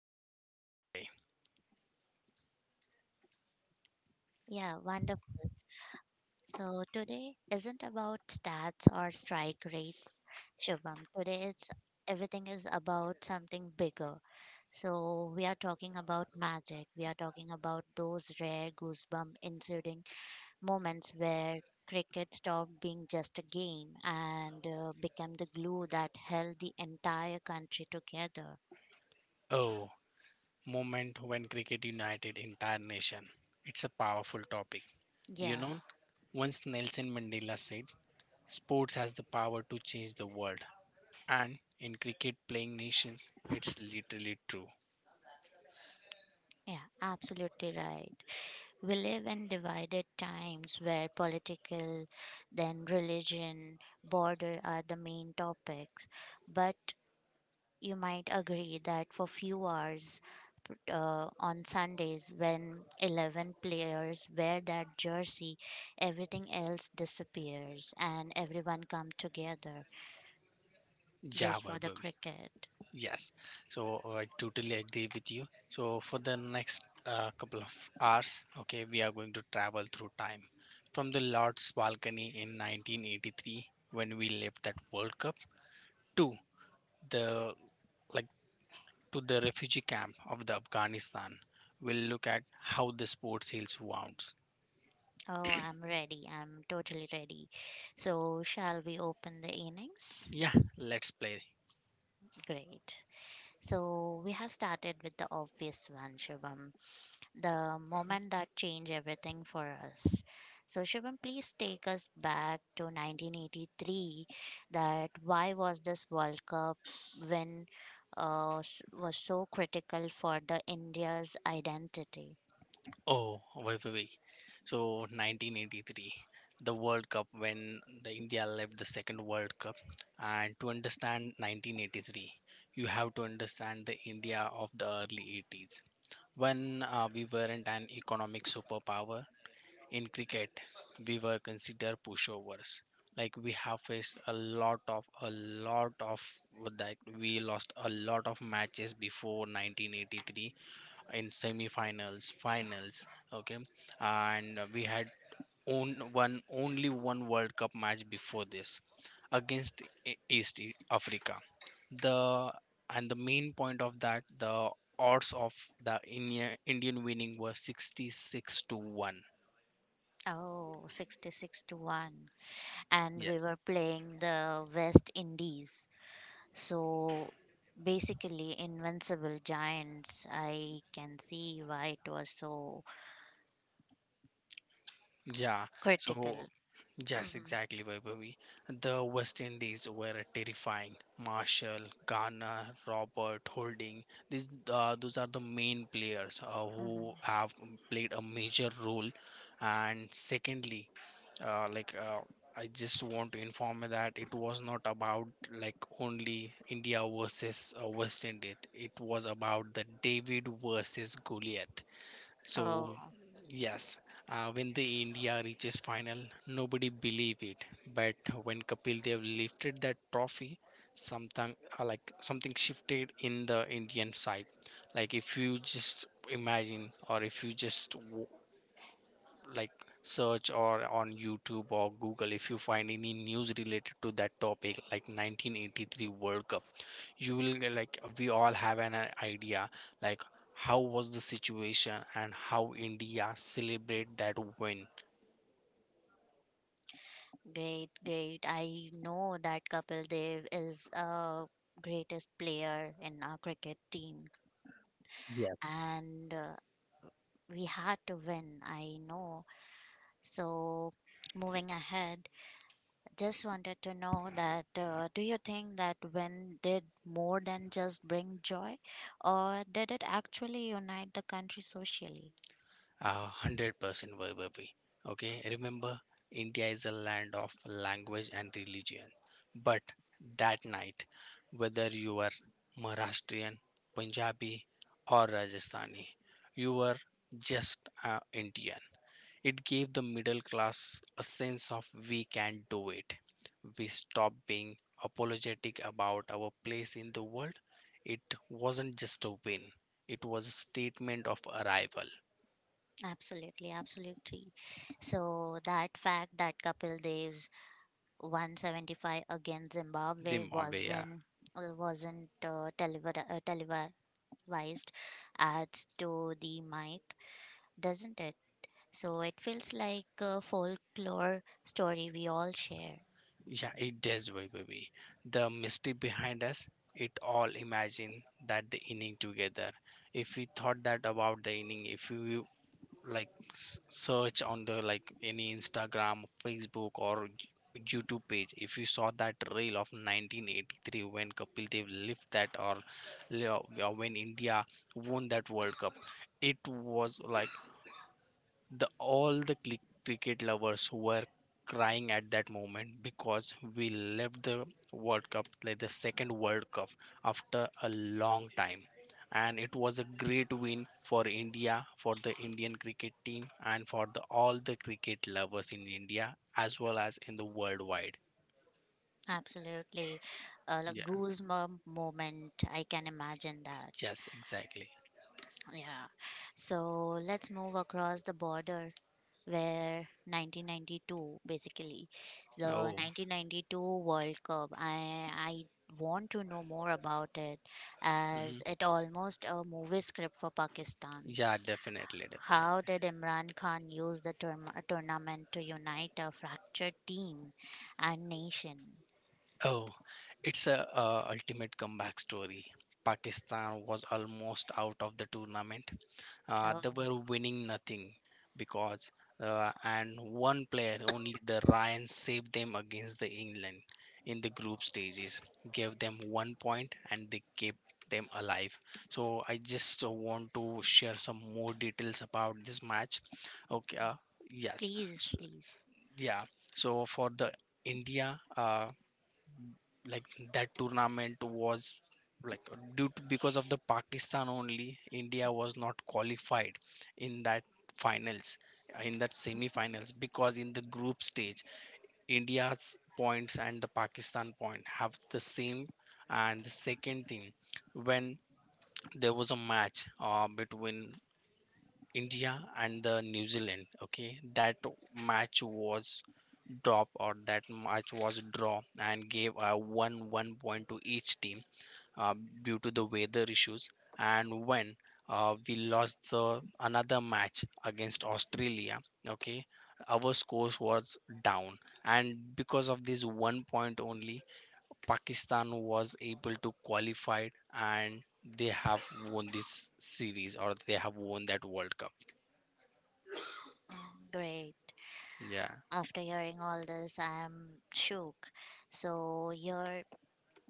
match duration today. Yeah, wonderful. So today isn't about stats or strike rates, Shubham. Today it's everything is about something bigger. So we are talking about magic. We are talking about those rare goosebump moments where cricket stopped being just a game and became the glue that held the entire country together. Oh, moment when cricket united entire nation. It's a powerful topic. You Yeah, know, once Nelson Mandela said, sports has the power to change the world. And in cricket playing nations, it's literally true. yeah, absolutely right. We live in divided times where political, then religion, border are the main topics. But you might agree that for few hours on Sundays when 11 players wear that jersey, everything else disappears and everyone come together Yeah, just for the Vaibhavi. cricket. Yes, so I totally agree with you. So for the next couple of hours, okay, we are going to travel through time from the Lord's balcony in 1983 when we left that World Cup to the like to the refugee camp of the Afghanistan. We'll look at how the sport heals wounds. Oh, I'm ready. I'm totally ready. So, shall we open the innings? Yeah, let's play. Great. So, we have started with the obvious one, Shivam. The moment that changed everything for us. So, Shivam, please take us back to 1983. That why was this World Cup win was so critical for the India's identity? Oh, wait, wait, wait. So 1983, the World Cup when the India left the second World Cup, and to understand 1983, you have to understand the India of the early 80s when we weren't an economic superpower in cricket. We were considered pushovers. Like we have faced a lot of, like we lost a lot of matches before 1983 in semi-finals, finals. Okay, and we had own one only one World Cup match before this against East Africa. The the main point of that, the odds of the Indian winning were 66 to one. Oh, 66 to 1. And we Yes. were playing the West Indies. So, basically, invincible giants. I can see why it was so Yeah, critical. so, yes, Hmm. exactly, Vaibhavi. The West Indies were terrifying. Marshall, Garner, Robert, Holding. Those are the main players who Hmm. have played a major role. And secondly, like I just want to inform you that it was not about like only India versus West Indies. It was about the David versus Goliath. So Oh, yes, when the India reaches final, nobody believe it. But when Kapil Dev lifted that trophy, something shifted in the Indian side. Like if you just imagine, or if you just like search or on YouTube or Google if you find any news related to that topic like 1983 World Cup you will get, like we all have an idea like how was the situation and how India celebrate that win. great, great. I know that Kapil Dev is a greatest player in our cricket team and we had to win, I know. So, moving ahead, just wanted to know that do you think that win did more than just bring joy or did it actually unite the country socially? 100% Vaibhavi. Okay, remember, India is a land of language and religion. But that night, whether you are Maharashtrian, Punjabi, or Rajasthani, you were just Indian. It gave the middle class a sense of we can do it. We stopped being apologetic about our place in the world. It wasn't just a win, it was a statement of arrival. Absolutely, absolutely. So that fact that Kapil Dev's 175 against Zimbabwe Zimbabwe, yeah. wasn't televised adds to the myth, doesn't it? So it feels like a folklore story we all share. Yeah, it does, Baby. The mystery behind us, it all imagine that the inning together. If we thought that about the inning, if you search on the like any Instagram, Facebook, or YouTube page, if you saw that reel of 1983 when Kapil Dev lift that, or when India won that World Cup, it was like the all the cricket lovers were crying at that moment because we left the World Cup like the second World Cup after a long time. And it was a great win for India, for the Indian cricket team, and for the, all the cricket lovers in India as well as in the worldwide. Absolutely, a like Yeah. goosebump moment. I can imagine that. Yes, exactly. Yeah. So let's move across the border where 1992 basically the Oh. 1992 World Cup, I want to know more about it, as hmm it almost a movie script for Pakistan. yeah, definitely, How definitely. did Imran Khan use the term, tournament to unite a fractured team and nation? Oh, it's a ultimate comeback story. Pakistan was almost out of the tournament. Oh, They were winning nothing because and one player only the Ryan saved them against the England in the group stages. Gave them 1 point and they kept them alive. So I just want to share some more details about this match. Okay, yes, please, so, please. yeah. So for the India. Like that tournament was like due to because of the Pakistan only India was not qualified in that finals in that semi-finals because in the group stage India's points and the Pakistan point have the same and the second thing when there was a match between India and the New Zealand. Okay, that match was drop or that match was draw and gave a one point to each team uh, due to the weather issues. And when we lost the another match against Australia, okay, our scores was down, and because of this 1 point only, Pakistan was able to qualify and they have won this series or they have won that World Cup. Mm, great. Yeah, After hearing all this, I am shook. So your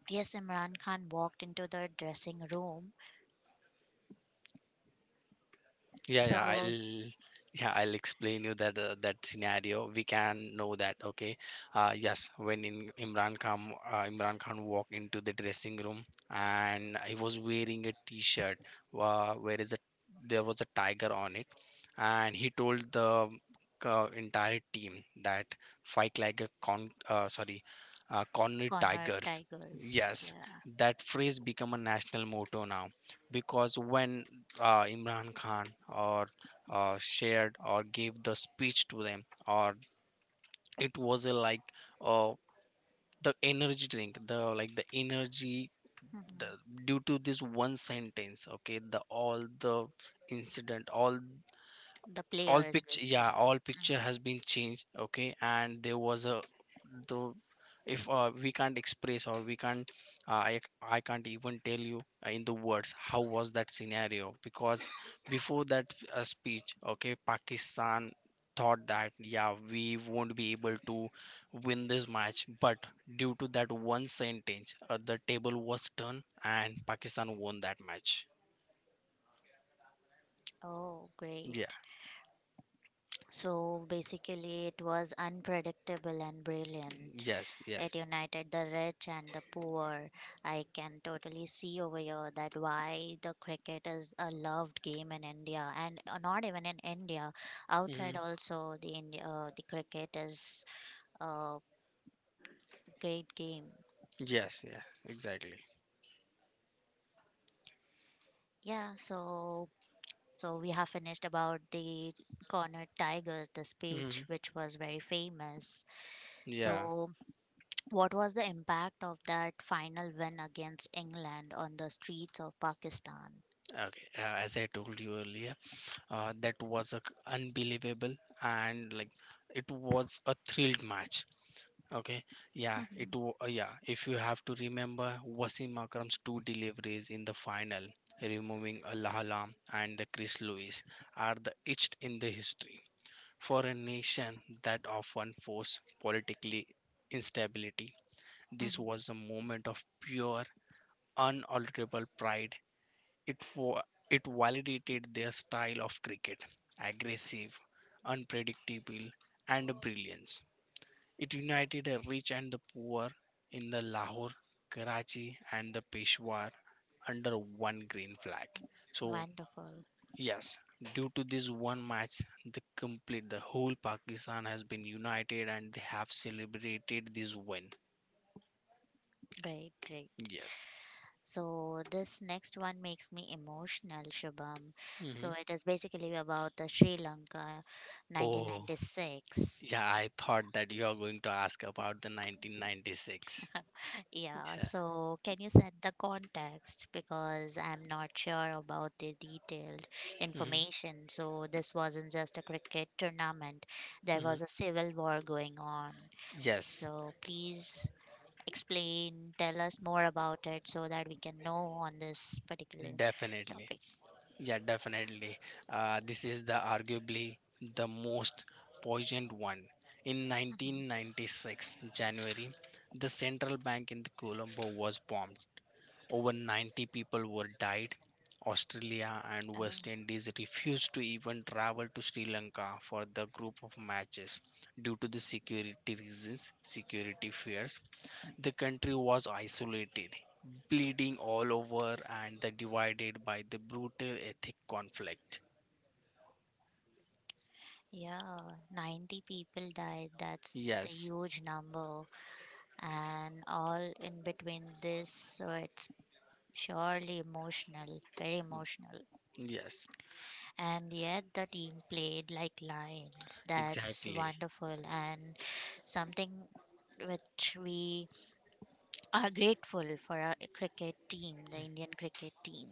yes, Imran Khan walked into the dressing room. yeah, yeah. So I'll explain you that that scenario. We can know that. Okay. Yes, when in Imran Khan Imran Khan walked into the dressing room and he was wearing a T-shirt, where is a there was a tiger on it, and he told the entire team that fight like a con sorry cornered Connor tigers. Tigers, Yes, yeah. that phrase become a national motto now because when Imran Khan or shared or gave the speech to them, or it was a like uh, the energy drink the like the energy the, Mhm. due to this one sentence, okay, the all the incident, all The all players picture, basically. yeah, all picture Mm. has been changed. Okay, and there was a the if we can't express or we can't I can't even tell you in the words how was that scenario because before that speech, okay, Pakistan thought that yeah we won't be able to win this match, but due to that one sentence the table was turned and Pakistan won that match. Oh, Yeah. great. So basically, it was unpredictable and brilliant. Yes, It yes. united the rich and the poor. I can totally see over here that why the cricket is a loved game in India and not even in India, outside Hmm. also the India, the cricket is a great game. Yes, yeah, exactly. Yeah, so. So we have finished about the cornered tigers, the speech Hmm. which was very famous. Yeah. So what was the impact of that final win against England on the streets of Pakistan? Okay. As I told you earlier, that was a c unbelievable and like it was a thrilled match. Okay. Yeah. It. Mhm, wa- Uh, yeah. If you have to remember Wasim Akram's two deliveries in the final, removing Al Ahly and the Chris Lewis, are the etched in the history for a nation that often forced politically instability. This mhm. was a moment of pure, unalterable pride. It, wa- it validated their style of cricket, aggressive, unpredictable, and brilliance. It united the rich and the poor in the Lahore, Karachi, and the Peshawar under one green flag. So, Wonderful. yes, due to this one match, the whole Pakistan has been united and they have celebrated this win. Great, great. Yes. So this next one makes me emotional, Shubham. So hmm it is basically about the Sri Lanka Oh, 1996. yeah, I thought that you are going to ask about the 1996. Yeah, so can you set the context because I'm not sure about the detailed Hmm. information. So this wasn't just a cricket tournament, there Hmm. was a civil war going on. Yes, So please explain, tell us more about it so that we can know on this particular definitely. topic. Yeah, definitely. This is the arguably the most poignant one. In Mhm. 1996, January, the central bank in Colombo was bombed. Over 90 people were died. Australia and Oh, West Indies refused to even travel to Sri Lanka for the group of matches due to the security reasons, security fears. The country was isolated, bleeding all over, and the divided by the brutal ethnic conflict. yeah, 90 people died. That's the Yes, huge number, and all in between this, so it's surely emotional, very emotional. yes, And yet the team played like lions. That's exactly. wonderful, and something which we are grateful for our cricket team, the Indian cricket team.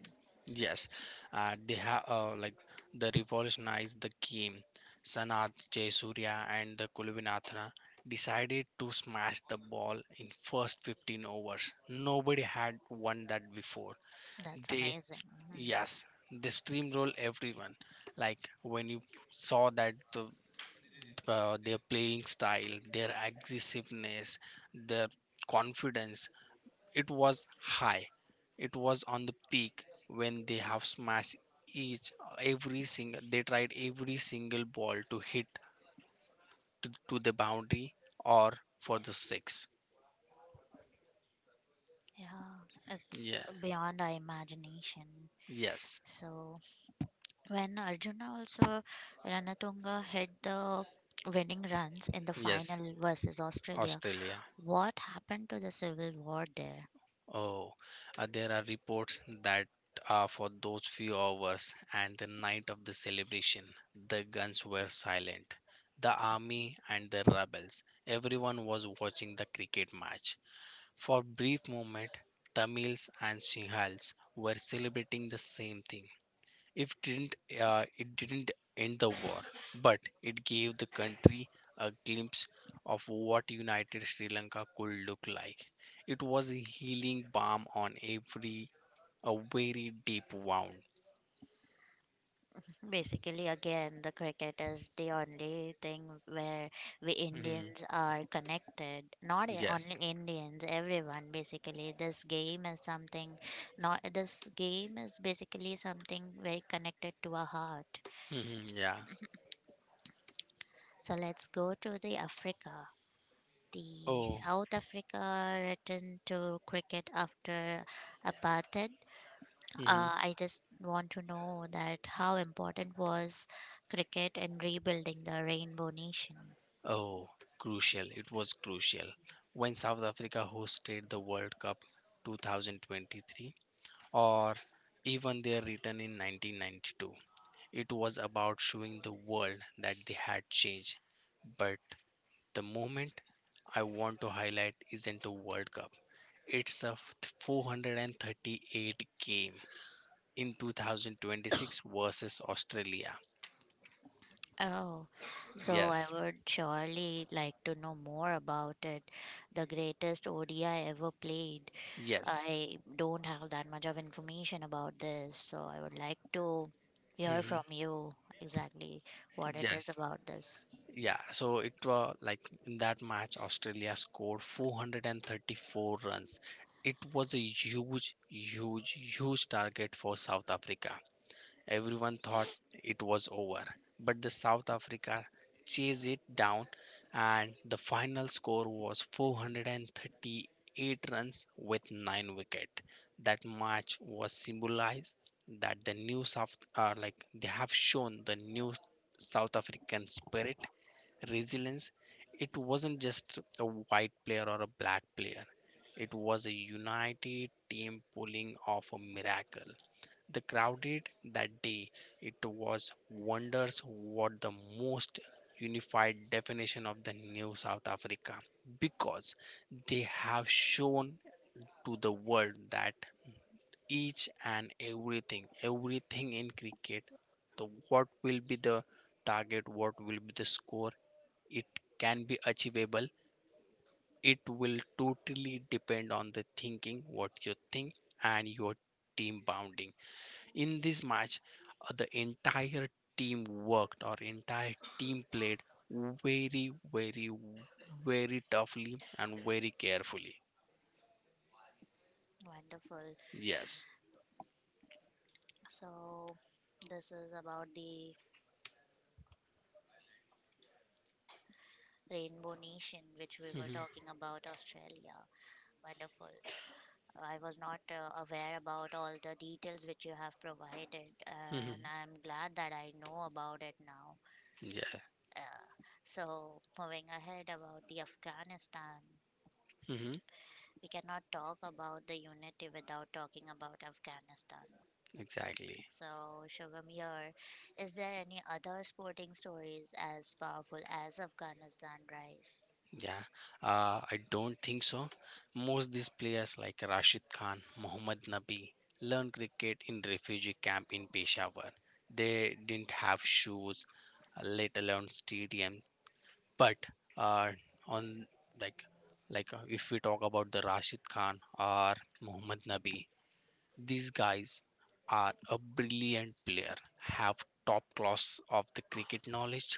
Yes, they have like the revolutionized the game. Sanat Jayasurya and the Kulvinathana decided to smash the ball in first 15 overs. Nobody had won that before. That's They, amazing. s- Mhm. yes, they steamroll everyone. Like when you saw that their playing style, their aggressiveness, their confidence. It was high. It was on the peak when they have smashed each every single. They tried every single ball to hit to the boundary or for the six. Yeah, it's Yeah. beyond our imagination. Yes. So when Arjuna also Ranatunga hit the winning runs in the Yes. final versus Australia, Australia. what happened to the civil war there? Oh, there are reports that for those few hours and the night of the celebration, the guns were silent. The army and the rebels, everyone was watching the cricket match. For brief moment, Tamils and Sinhals were celebrating the same thing. If didn't it didn't end the war, but it gave the country a glimpse of what united Sri Lanka could look like. It was a healing balm on every a very deep wound. Basically, again, the cricket is the only thing where we Mhm. Indians are connected. Not Yes. only Indians, everyone basically. This game is something, not this game is basically something very connected to our heart. Mhm. Yeah. So let's go to the Africa. The Oh. South Africa returned to cricket after apartheid. Mhm. I just want to know that how important was cricket in rebuilding the Rainbow Nation. Oh. Crucial. It was crucial when South Africa hosted the World Cup 2023 or even their return in 1992. It was about showing the world that they had changed. But the moment I want to highlight isn't a World Cup, it's a 438 game in 2026 versus Australia. Oh, so I Yes, would surely like to know more about it. The greatest ODI ever played. yes, I don't have that much of information about this, so I would like to hear hmm from you exactly what it is yes. about this. Yeah, so it was like in that match, Australia scored 434 runs. It was a huge, huge, huge target for South Africa. Everyone thought it was over, but the South Africa chased it down and the final score was 438 runs with 9 wicket. That match was symbolized that the new South like they have shown the new South African spirit, resilience. It wasn't just a white player or a black player. It was a united team pulling off a miracle. The crowded that day, it was wonders what the most unified definition of the new South Africa because they have shown to the world that each and everything, everything in cricket, the what will be the target, what will be the score, it can be achievable. It will totally depend on the thinking, what you think, and your team bounding in this match. The entire team worked or entire team played very very very toughly and very carefully. Wonderful. Yes. So, this is about the Rainbow Nation, which we were Hmm. talking about, Australia. Wonderful. I was not aware about all the details which you have provided, and Hmm. I'm glad that I know about it now. Yeah. Uh, so, moving ahead about the Afghanistan, Hmm. we cannot talk about the unity without talking about Afghanistan. Exactly. So, Shubham here, is there any other sporting stories as powerful as Afghanistan rise? Yeah, I don't think so. Most these players like rashid khan, mohammad nabi learned cricket in refugee camp in peshawar. They didn't have shoes, let alone stadium. But uh, on like like if we talk about the Rashid Khan or Muhammad Nabi, these guys are a brilliant player, have top class of the cricket knowledge,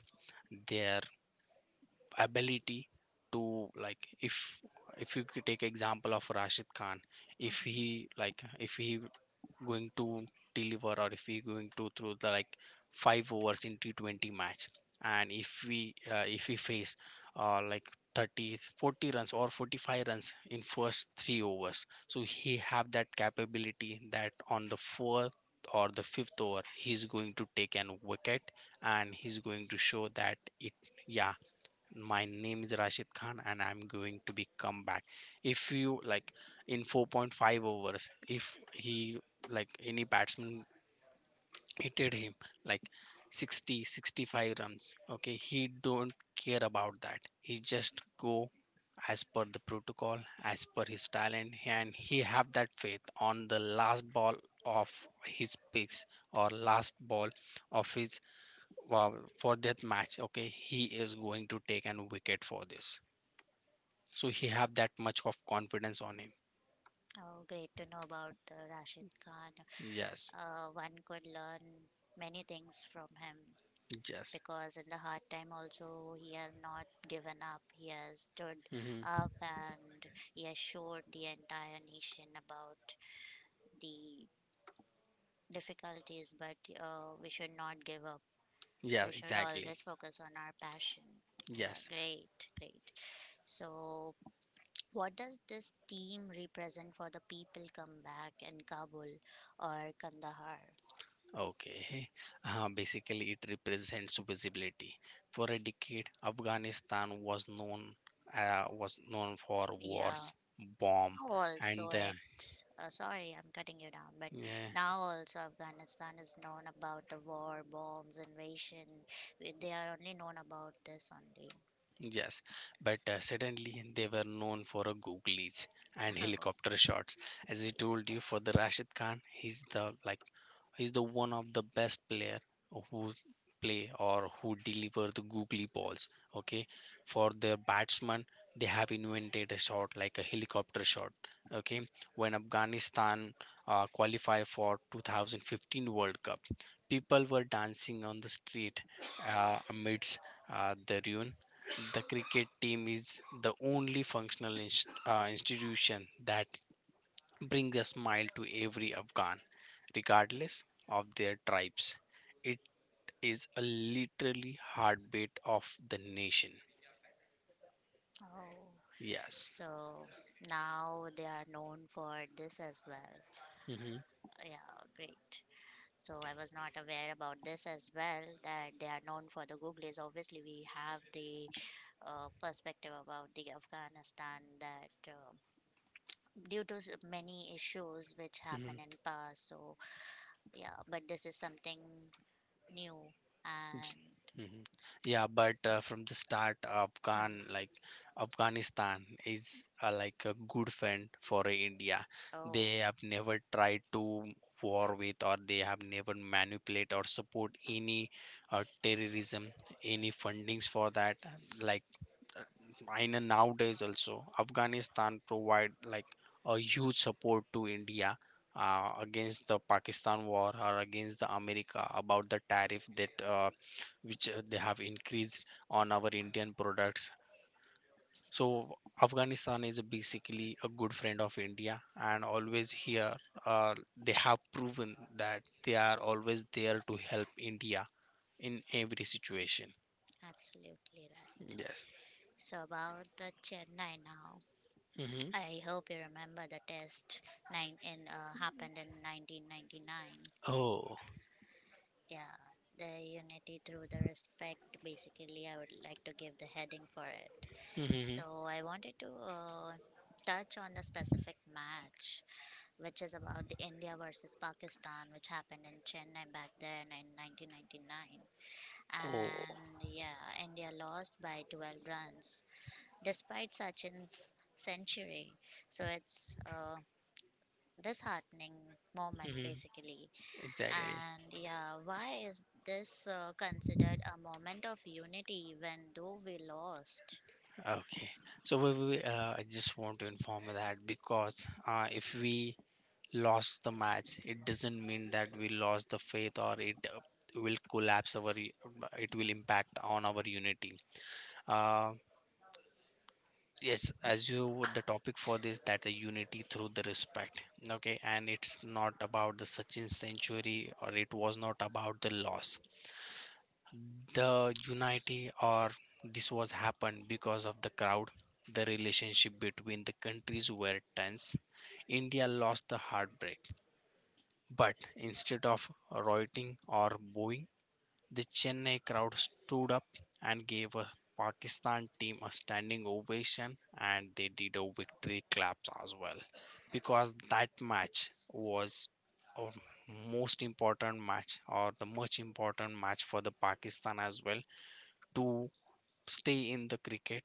their ability to like if you could take example of Rashid Khan, if Mhm. he like if he going to deliver, or if we going to through the like five overs in T20 match, and if we face like 30 40 runs or 45 runs in first three overs, so he have that capability that on the fourth or the fifth over he's going to take an wicket, and he's going to show that it. Yeah. My name is Rashid Khan and I'm going to be come back. If you like in 4.5 overs, if he like any batsman hitted him like 60, 65 runs, okay, he don't care about that, he just go as per the protocol, as per his talent, and he have that faith on the last ball of his picks, or last ball of his, uh, for that match, okay, he is going to take an wicket for this. So he have that much of confidence on him. Oh, great to know about Rashid Khan. Yes. One could learn many things from him. Yes. Because in the hard time also, he has not given up. He has stood Hmm. up and he has showed the entire nation about the difficulties, but we should not give up. We Yeah. should always Exactly. focus on our passion. Yeah, Yes. great, great. So what does this theme represent for the people come back in Kabul or Kandahar? Okay. Basically it represents visibility. For a decade afghanistan was known, was known for wars, Yeah, bomb, also and the. it's, sorry, I'm cutting you down, but Yeah. now also Afghanistan is known about the war, bombs, invasion. They are only known about this only. Yes, but suddenly they were known for a googlies and Oh, helicopter shots. As I yeah. told you, for the Rashid Khan, he's the like he's the one of the best player who play or who deliver the googly balls. Okay, for the batsman, they have invented a shot like a helicopter shot. Okay, when Afghanistan qualify for 2015 World Cup, people were dancing on the street amidst the ruin. The cricket team is the only functional institution that brings a smile to every Afghan, regardless of their tribes. It is a literally heartbeat of the nation. Oh. Yes. So now they are known for this as well. Hmm. Yeah, great. So I was not aware about this as well, that they are known for the googlies. Obviously, we have the perspective about the Afghanistan that due to many issues which happened in past. So yeah, but this is something new J- and, mhm. Yeah, but from the start, hmm, Afghan like Afghanistan is like a good friend for India. They oh, have never tried to war with, or they have never manipulate or support any terrorism, any fundings for that. Like uh, in nowadays also, Afghanistan provide like a huge support to India. Against the Pakistan war, or against the America about the tariff that which they have increased on our Indian products. So Afghanistan is basically a good friend of India, and always here, uh, they have proven that they are always there to help India in every situation. absolutely right. Yes. So about the Chennai now, Hmm. I hope you remember the test nine in, happened in 1999. Oh. Yeah, the unity through the respect. Basically, I would like to give the heading for it. Hmm. So I wanted to touch on the specific match which is about the India versus Pakistan, which happened in Chennai back then in 1999. Oh. And yeah, India lost by 12 runs despite Sachin's century. So it's a disheartening moment Hmm. basically. Exactly. And yeah, why is this considered a moment of unity when though we lost? Okay. So I just want to inform that, because if we lost the match, it doesn't mean that we lost the faith, or it will collapse our it will impact on our unity. uh, yes, as you the topic for this, that the unity through the respect, okay, and it's not about the sachin century, or it was not about the loss, the unity or this was happened because of the crowd. The relationship between the countries were tense. India lost the heartbreak. But instead of rioting or booing, the Chennai crowd stood up and gave a Pakistan team a standing ovation, and they did a victory claps as well, because that match was a most important match, or the most important match for the Pakistan as well, to stay in the cricket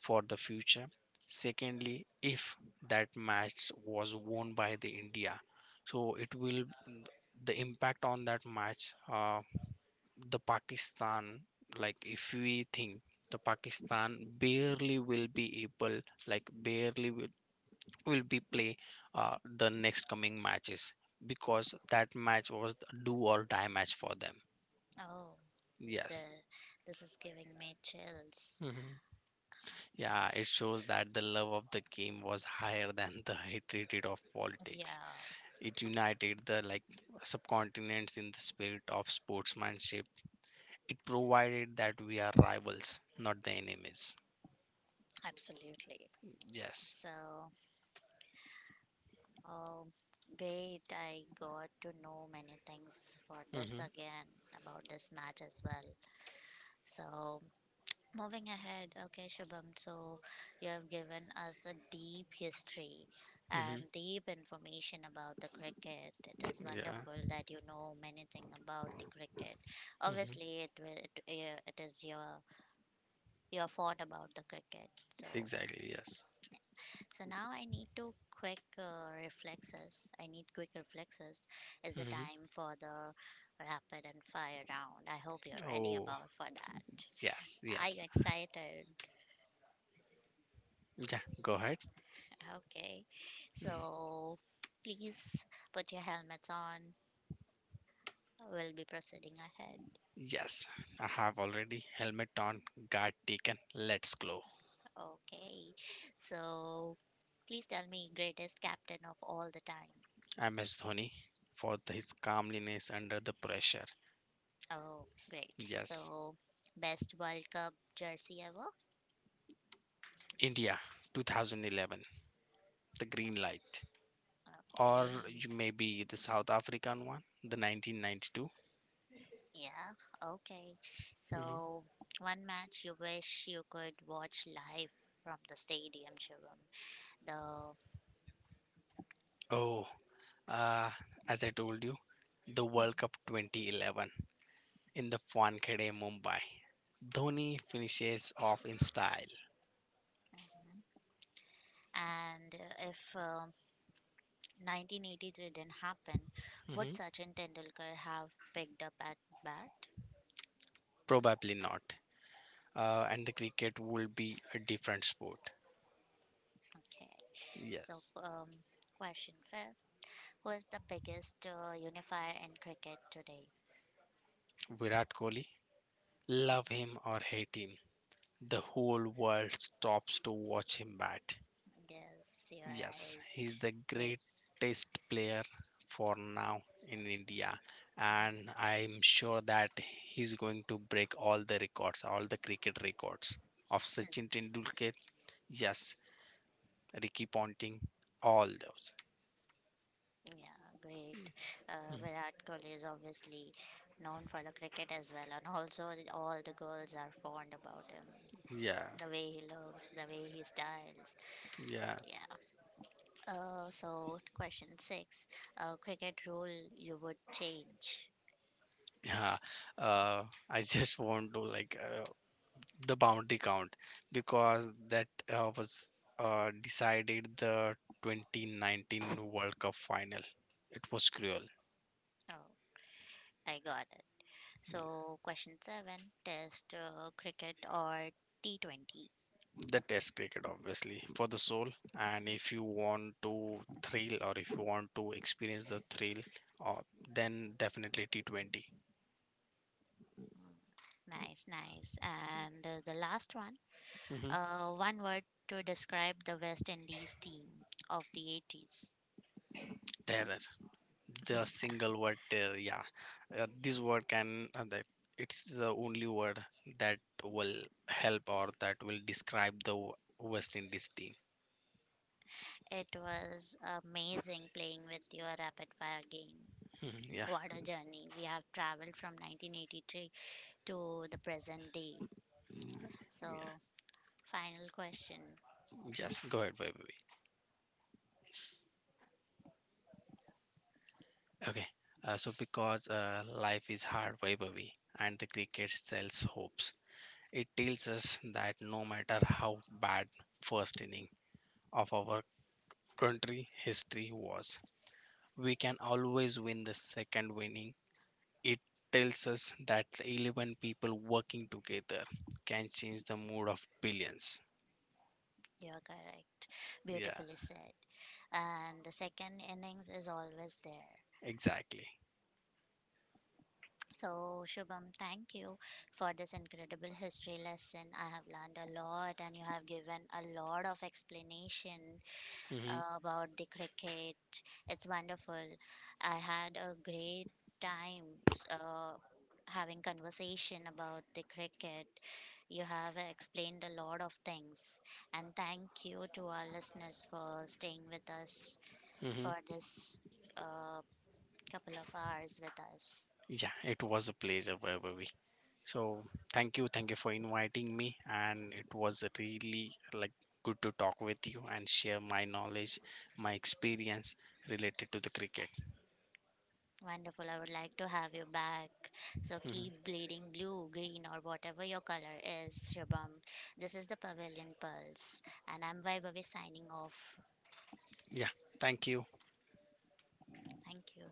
for the future. Secondly, if that match was won by the India, so it will the impact on that match, the Pakistan, like if we think the Pakistan barely will be able, like barely will be play the next coming matches, because that match was the do or die match for them. Oh, the Yes. this is giving me chills. Yeah, it shows that the love of the game was higher than the hatred of politics. Yeah, It united the like subcontinents in the spirit of sportsmanship. It provided that we are rivals, not the enemies. absolutely. Yes. So. Oh, great. I got to know many things for this Mm-hmm. again, about this match as well. So, moving ahead, okay, Shubham. So, you have given us a deep history and Mm-hmm. deep information about the cricket. It is wonderful Yeah. that you know many things about the cricket. Mm-hmm. Obviously, it will, it, eh, it is your thought about the cricket. So, Exactly. Yes. So, now I need to quick reflexes. I need quick reflexes. Is the Mm-hmm. time for the rapid and fire round? I hope you're ready Oh, about for that. yes, Are you yes. excited? Yeah, go ahead. Okay. Mhm. So please put your helmets on. We'll be proceeding ahead. Yes, I have already helmet on, guard taken. Let's go. Okay. So please tell me greatest captain of all the time. MS Dhoni for his calmness under the pressure. Oh, great. Yes, So best World Cup jersey ever? India 2011, the green light, or Okay. maybe the South African one, the 1992. Yeah, okay. Mhm. So, one match you wish you could watch live from the stadium, Shivam. The. Oh, uh, as I told you, the World Cup 2011 in the Wankhede, Mumbai. Dhoni finishes off in style. Mhm. And if 1983 didn't happen, would Mhm. Sachin Tendulkar have picked up at bat? Probably not. And the cricket will be a different sport. Okay. So, Yes. Question fifth: who is the biggest unifier in cricket today? Virat Kohli, love him or hate him, the whole world stops to watch him bat. Yes, you're Yes, he's right. the His. greatest player for now in India, and Mm-hmm. I'm sure that he's going to break all the records, all the cricket records of Sachin Tendulkar. Yes, Ricky Ponting, all those. Yeah, great. Mm. Virat Kohli is obviously known for the cricket as well, and also all the girls are fond about him. Yeah, The way he looks, the way he styles. yeah. Yeah. So question six, cricket rule you would change. Yeah, uh, I just want to like the bounty count, because that was decided the 2019 World Cup final. It was cruel. Oh, I got it. So question seven, test cricket or T 20. The test cricket, obviously, for the soul. And if you want to thrill, or if you want to experience the thrill, uh, then definitely T20. Mm, nice, nice. And the last one, Hmm. One word to describe the West Indies team of the '80s. Terror. The single word there, yeah. This word can that it's the only word that will help, or that will describe the west indies team. It was amazing playing with your rapid fire game. Mhm. Yeah. What a journey. We have traveled from 1983 to the present day. Yeah, So, final question. just go ahead, Vaibhavi. Okay, so because life is hard, Vaibhavi, and the cricket sells hopes. It tells us that, no matter how bad first inning of our country history was, we can always win the second winning. It tells us that the 11 people working together can change the mood of billions. You're correct. Yeah, Beautifully said. And the second innings is always there. exactly. So, Shubham, thank you for this incredible history lesson. I have learned a lot and you have given a lot of explanation Hmm. About the cricket. It's wonderful. I had a great time uh, having conversation about the cricket. You have explained a lot of things, and thank you to our listeners for staying with us for Hmm. this uh, couple of hours with us. Yeah, it was a pleasure, Vaibhavi. So thank you for inviting me, and it was really like good to talk with you and share my knowledge, my experience related to the cricket. Wonderful. I would like to have you back. So Hmm. keep bleeding blue, green, or whatever your color is, Shubham. This is the Pavilion Pulse, and I'm Vaibhavi signing off. Yeah, thank you. Thank you.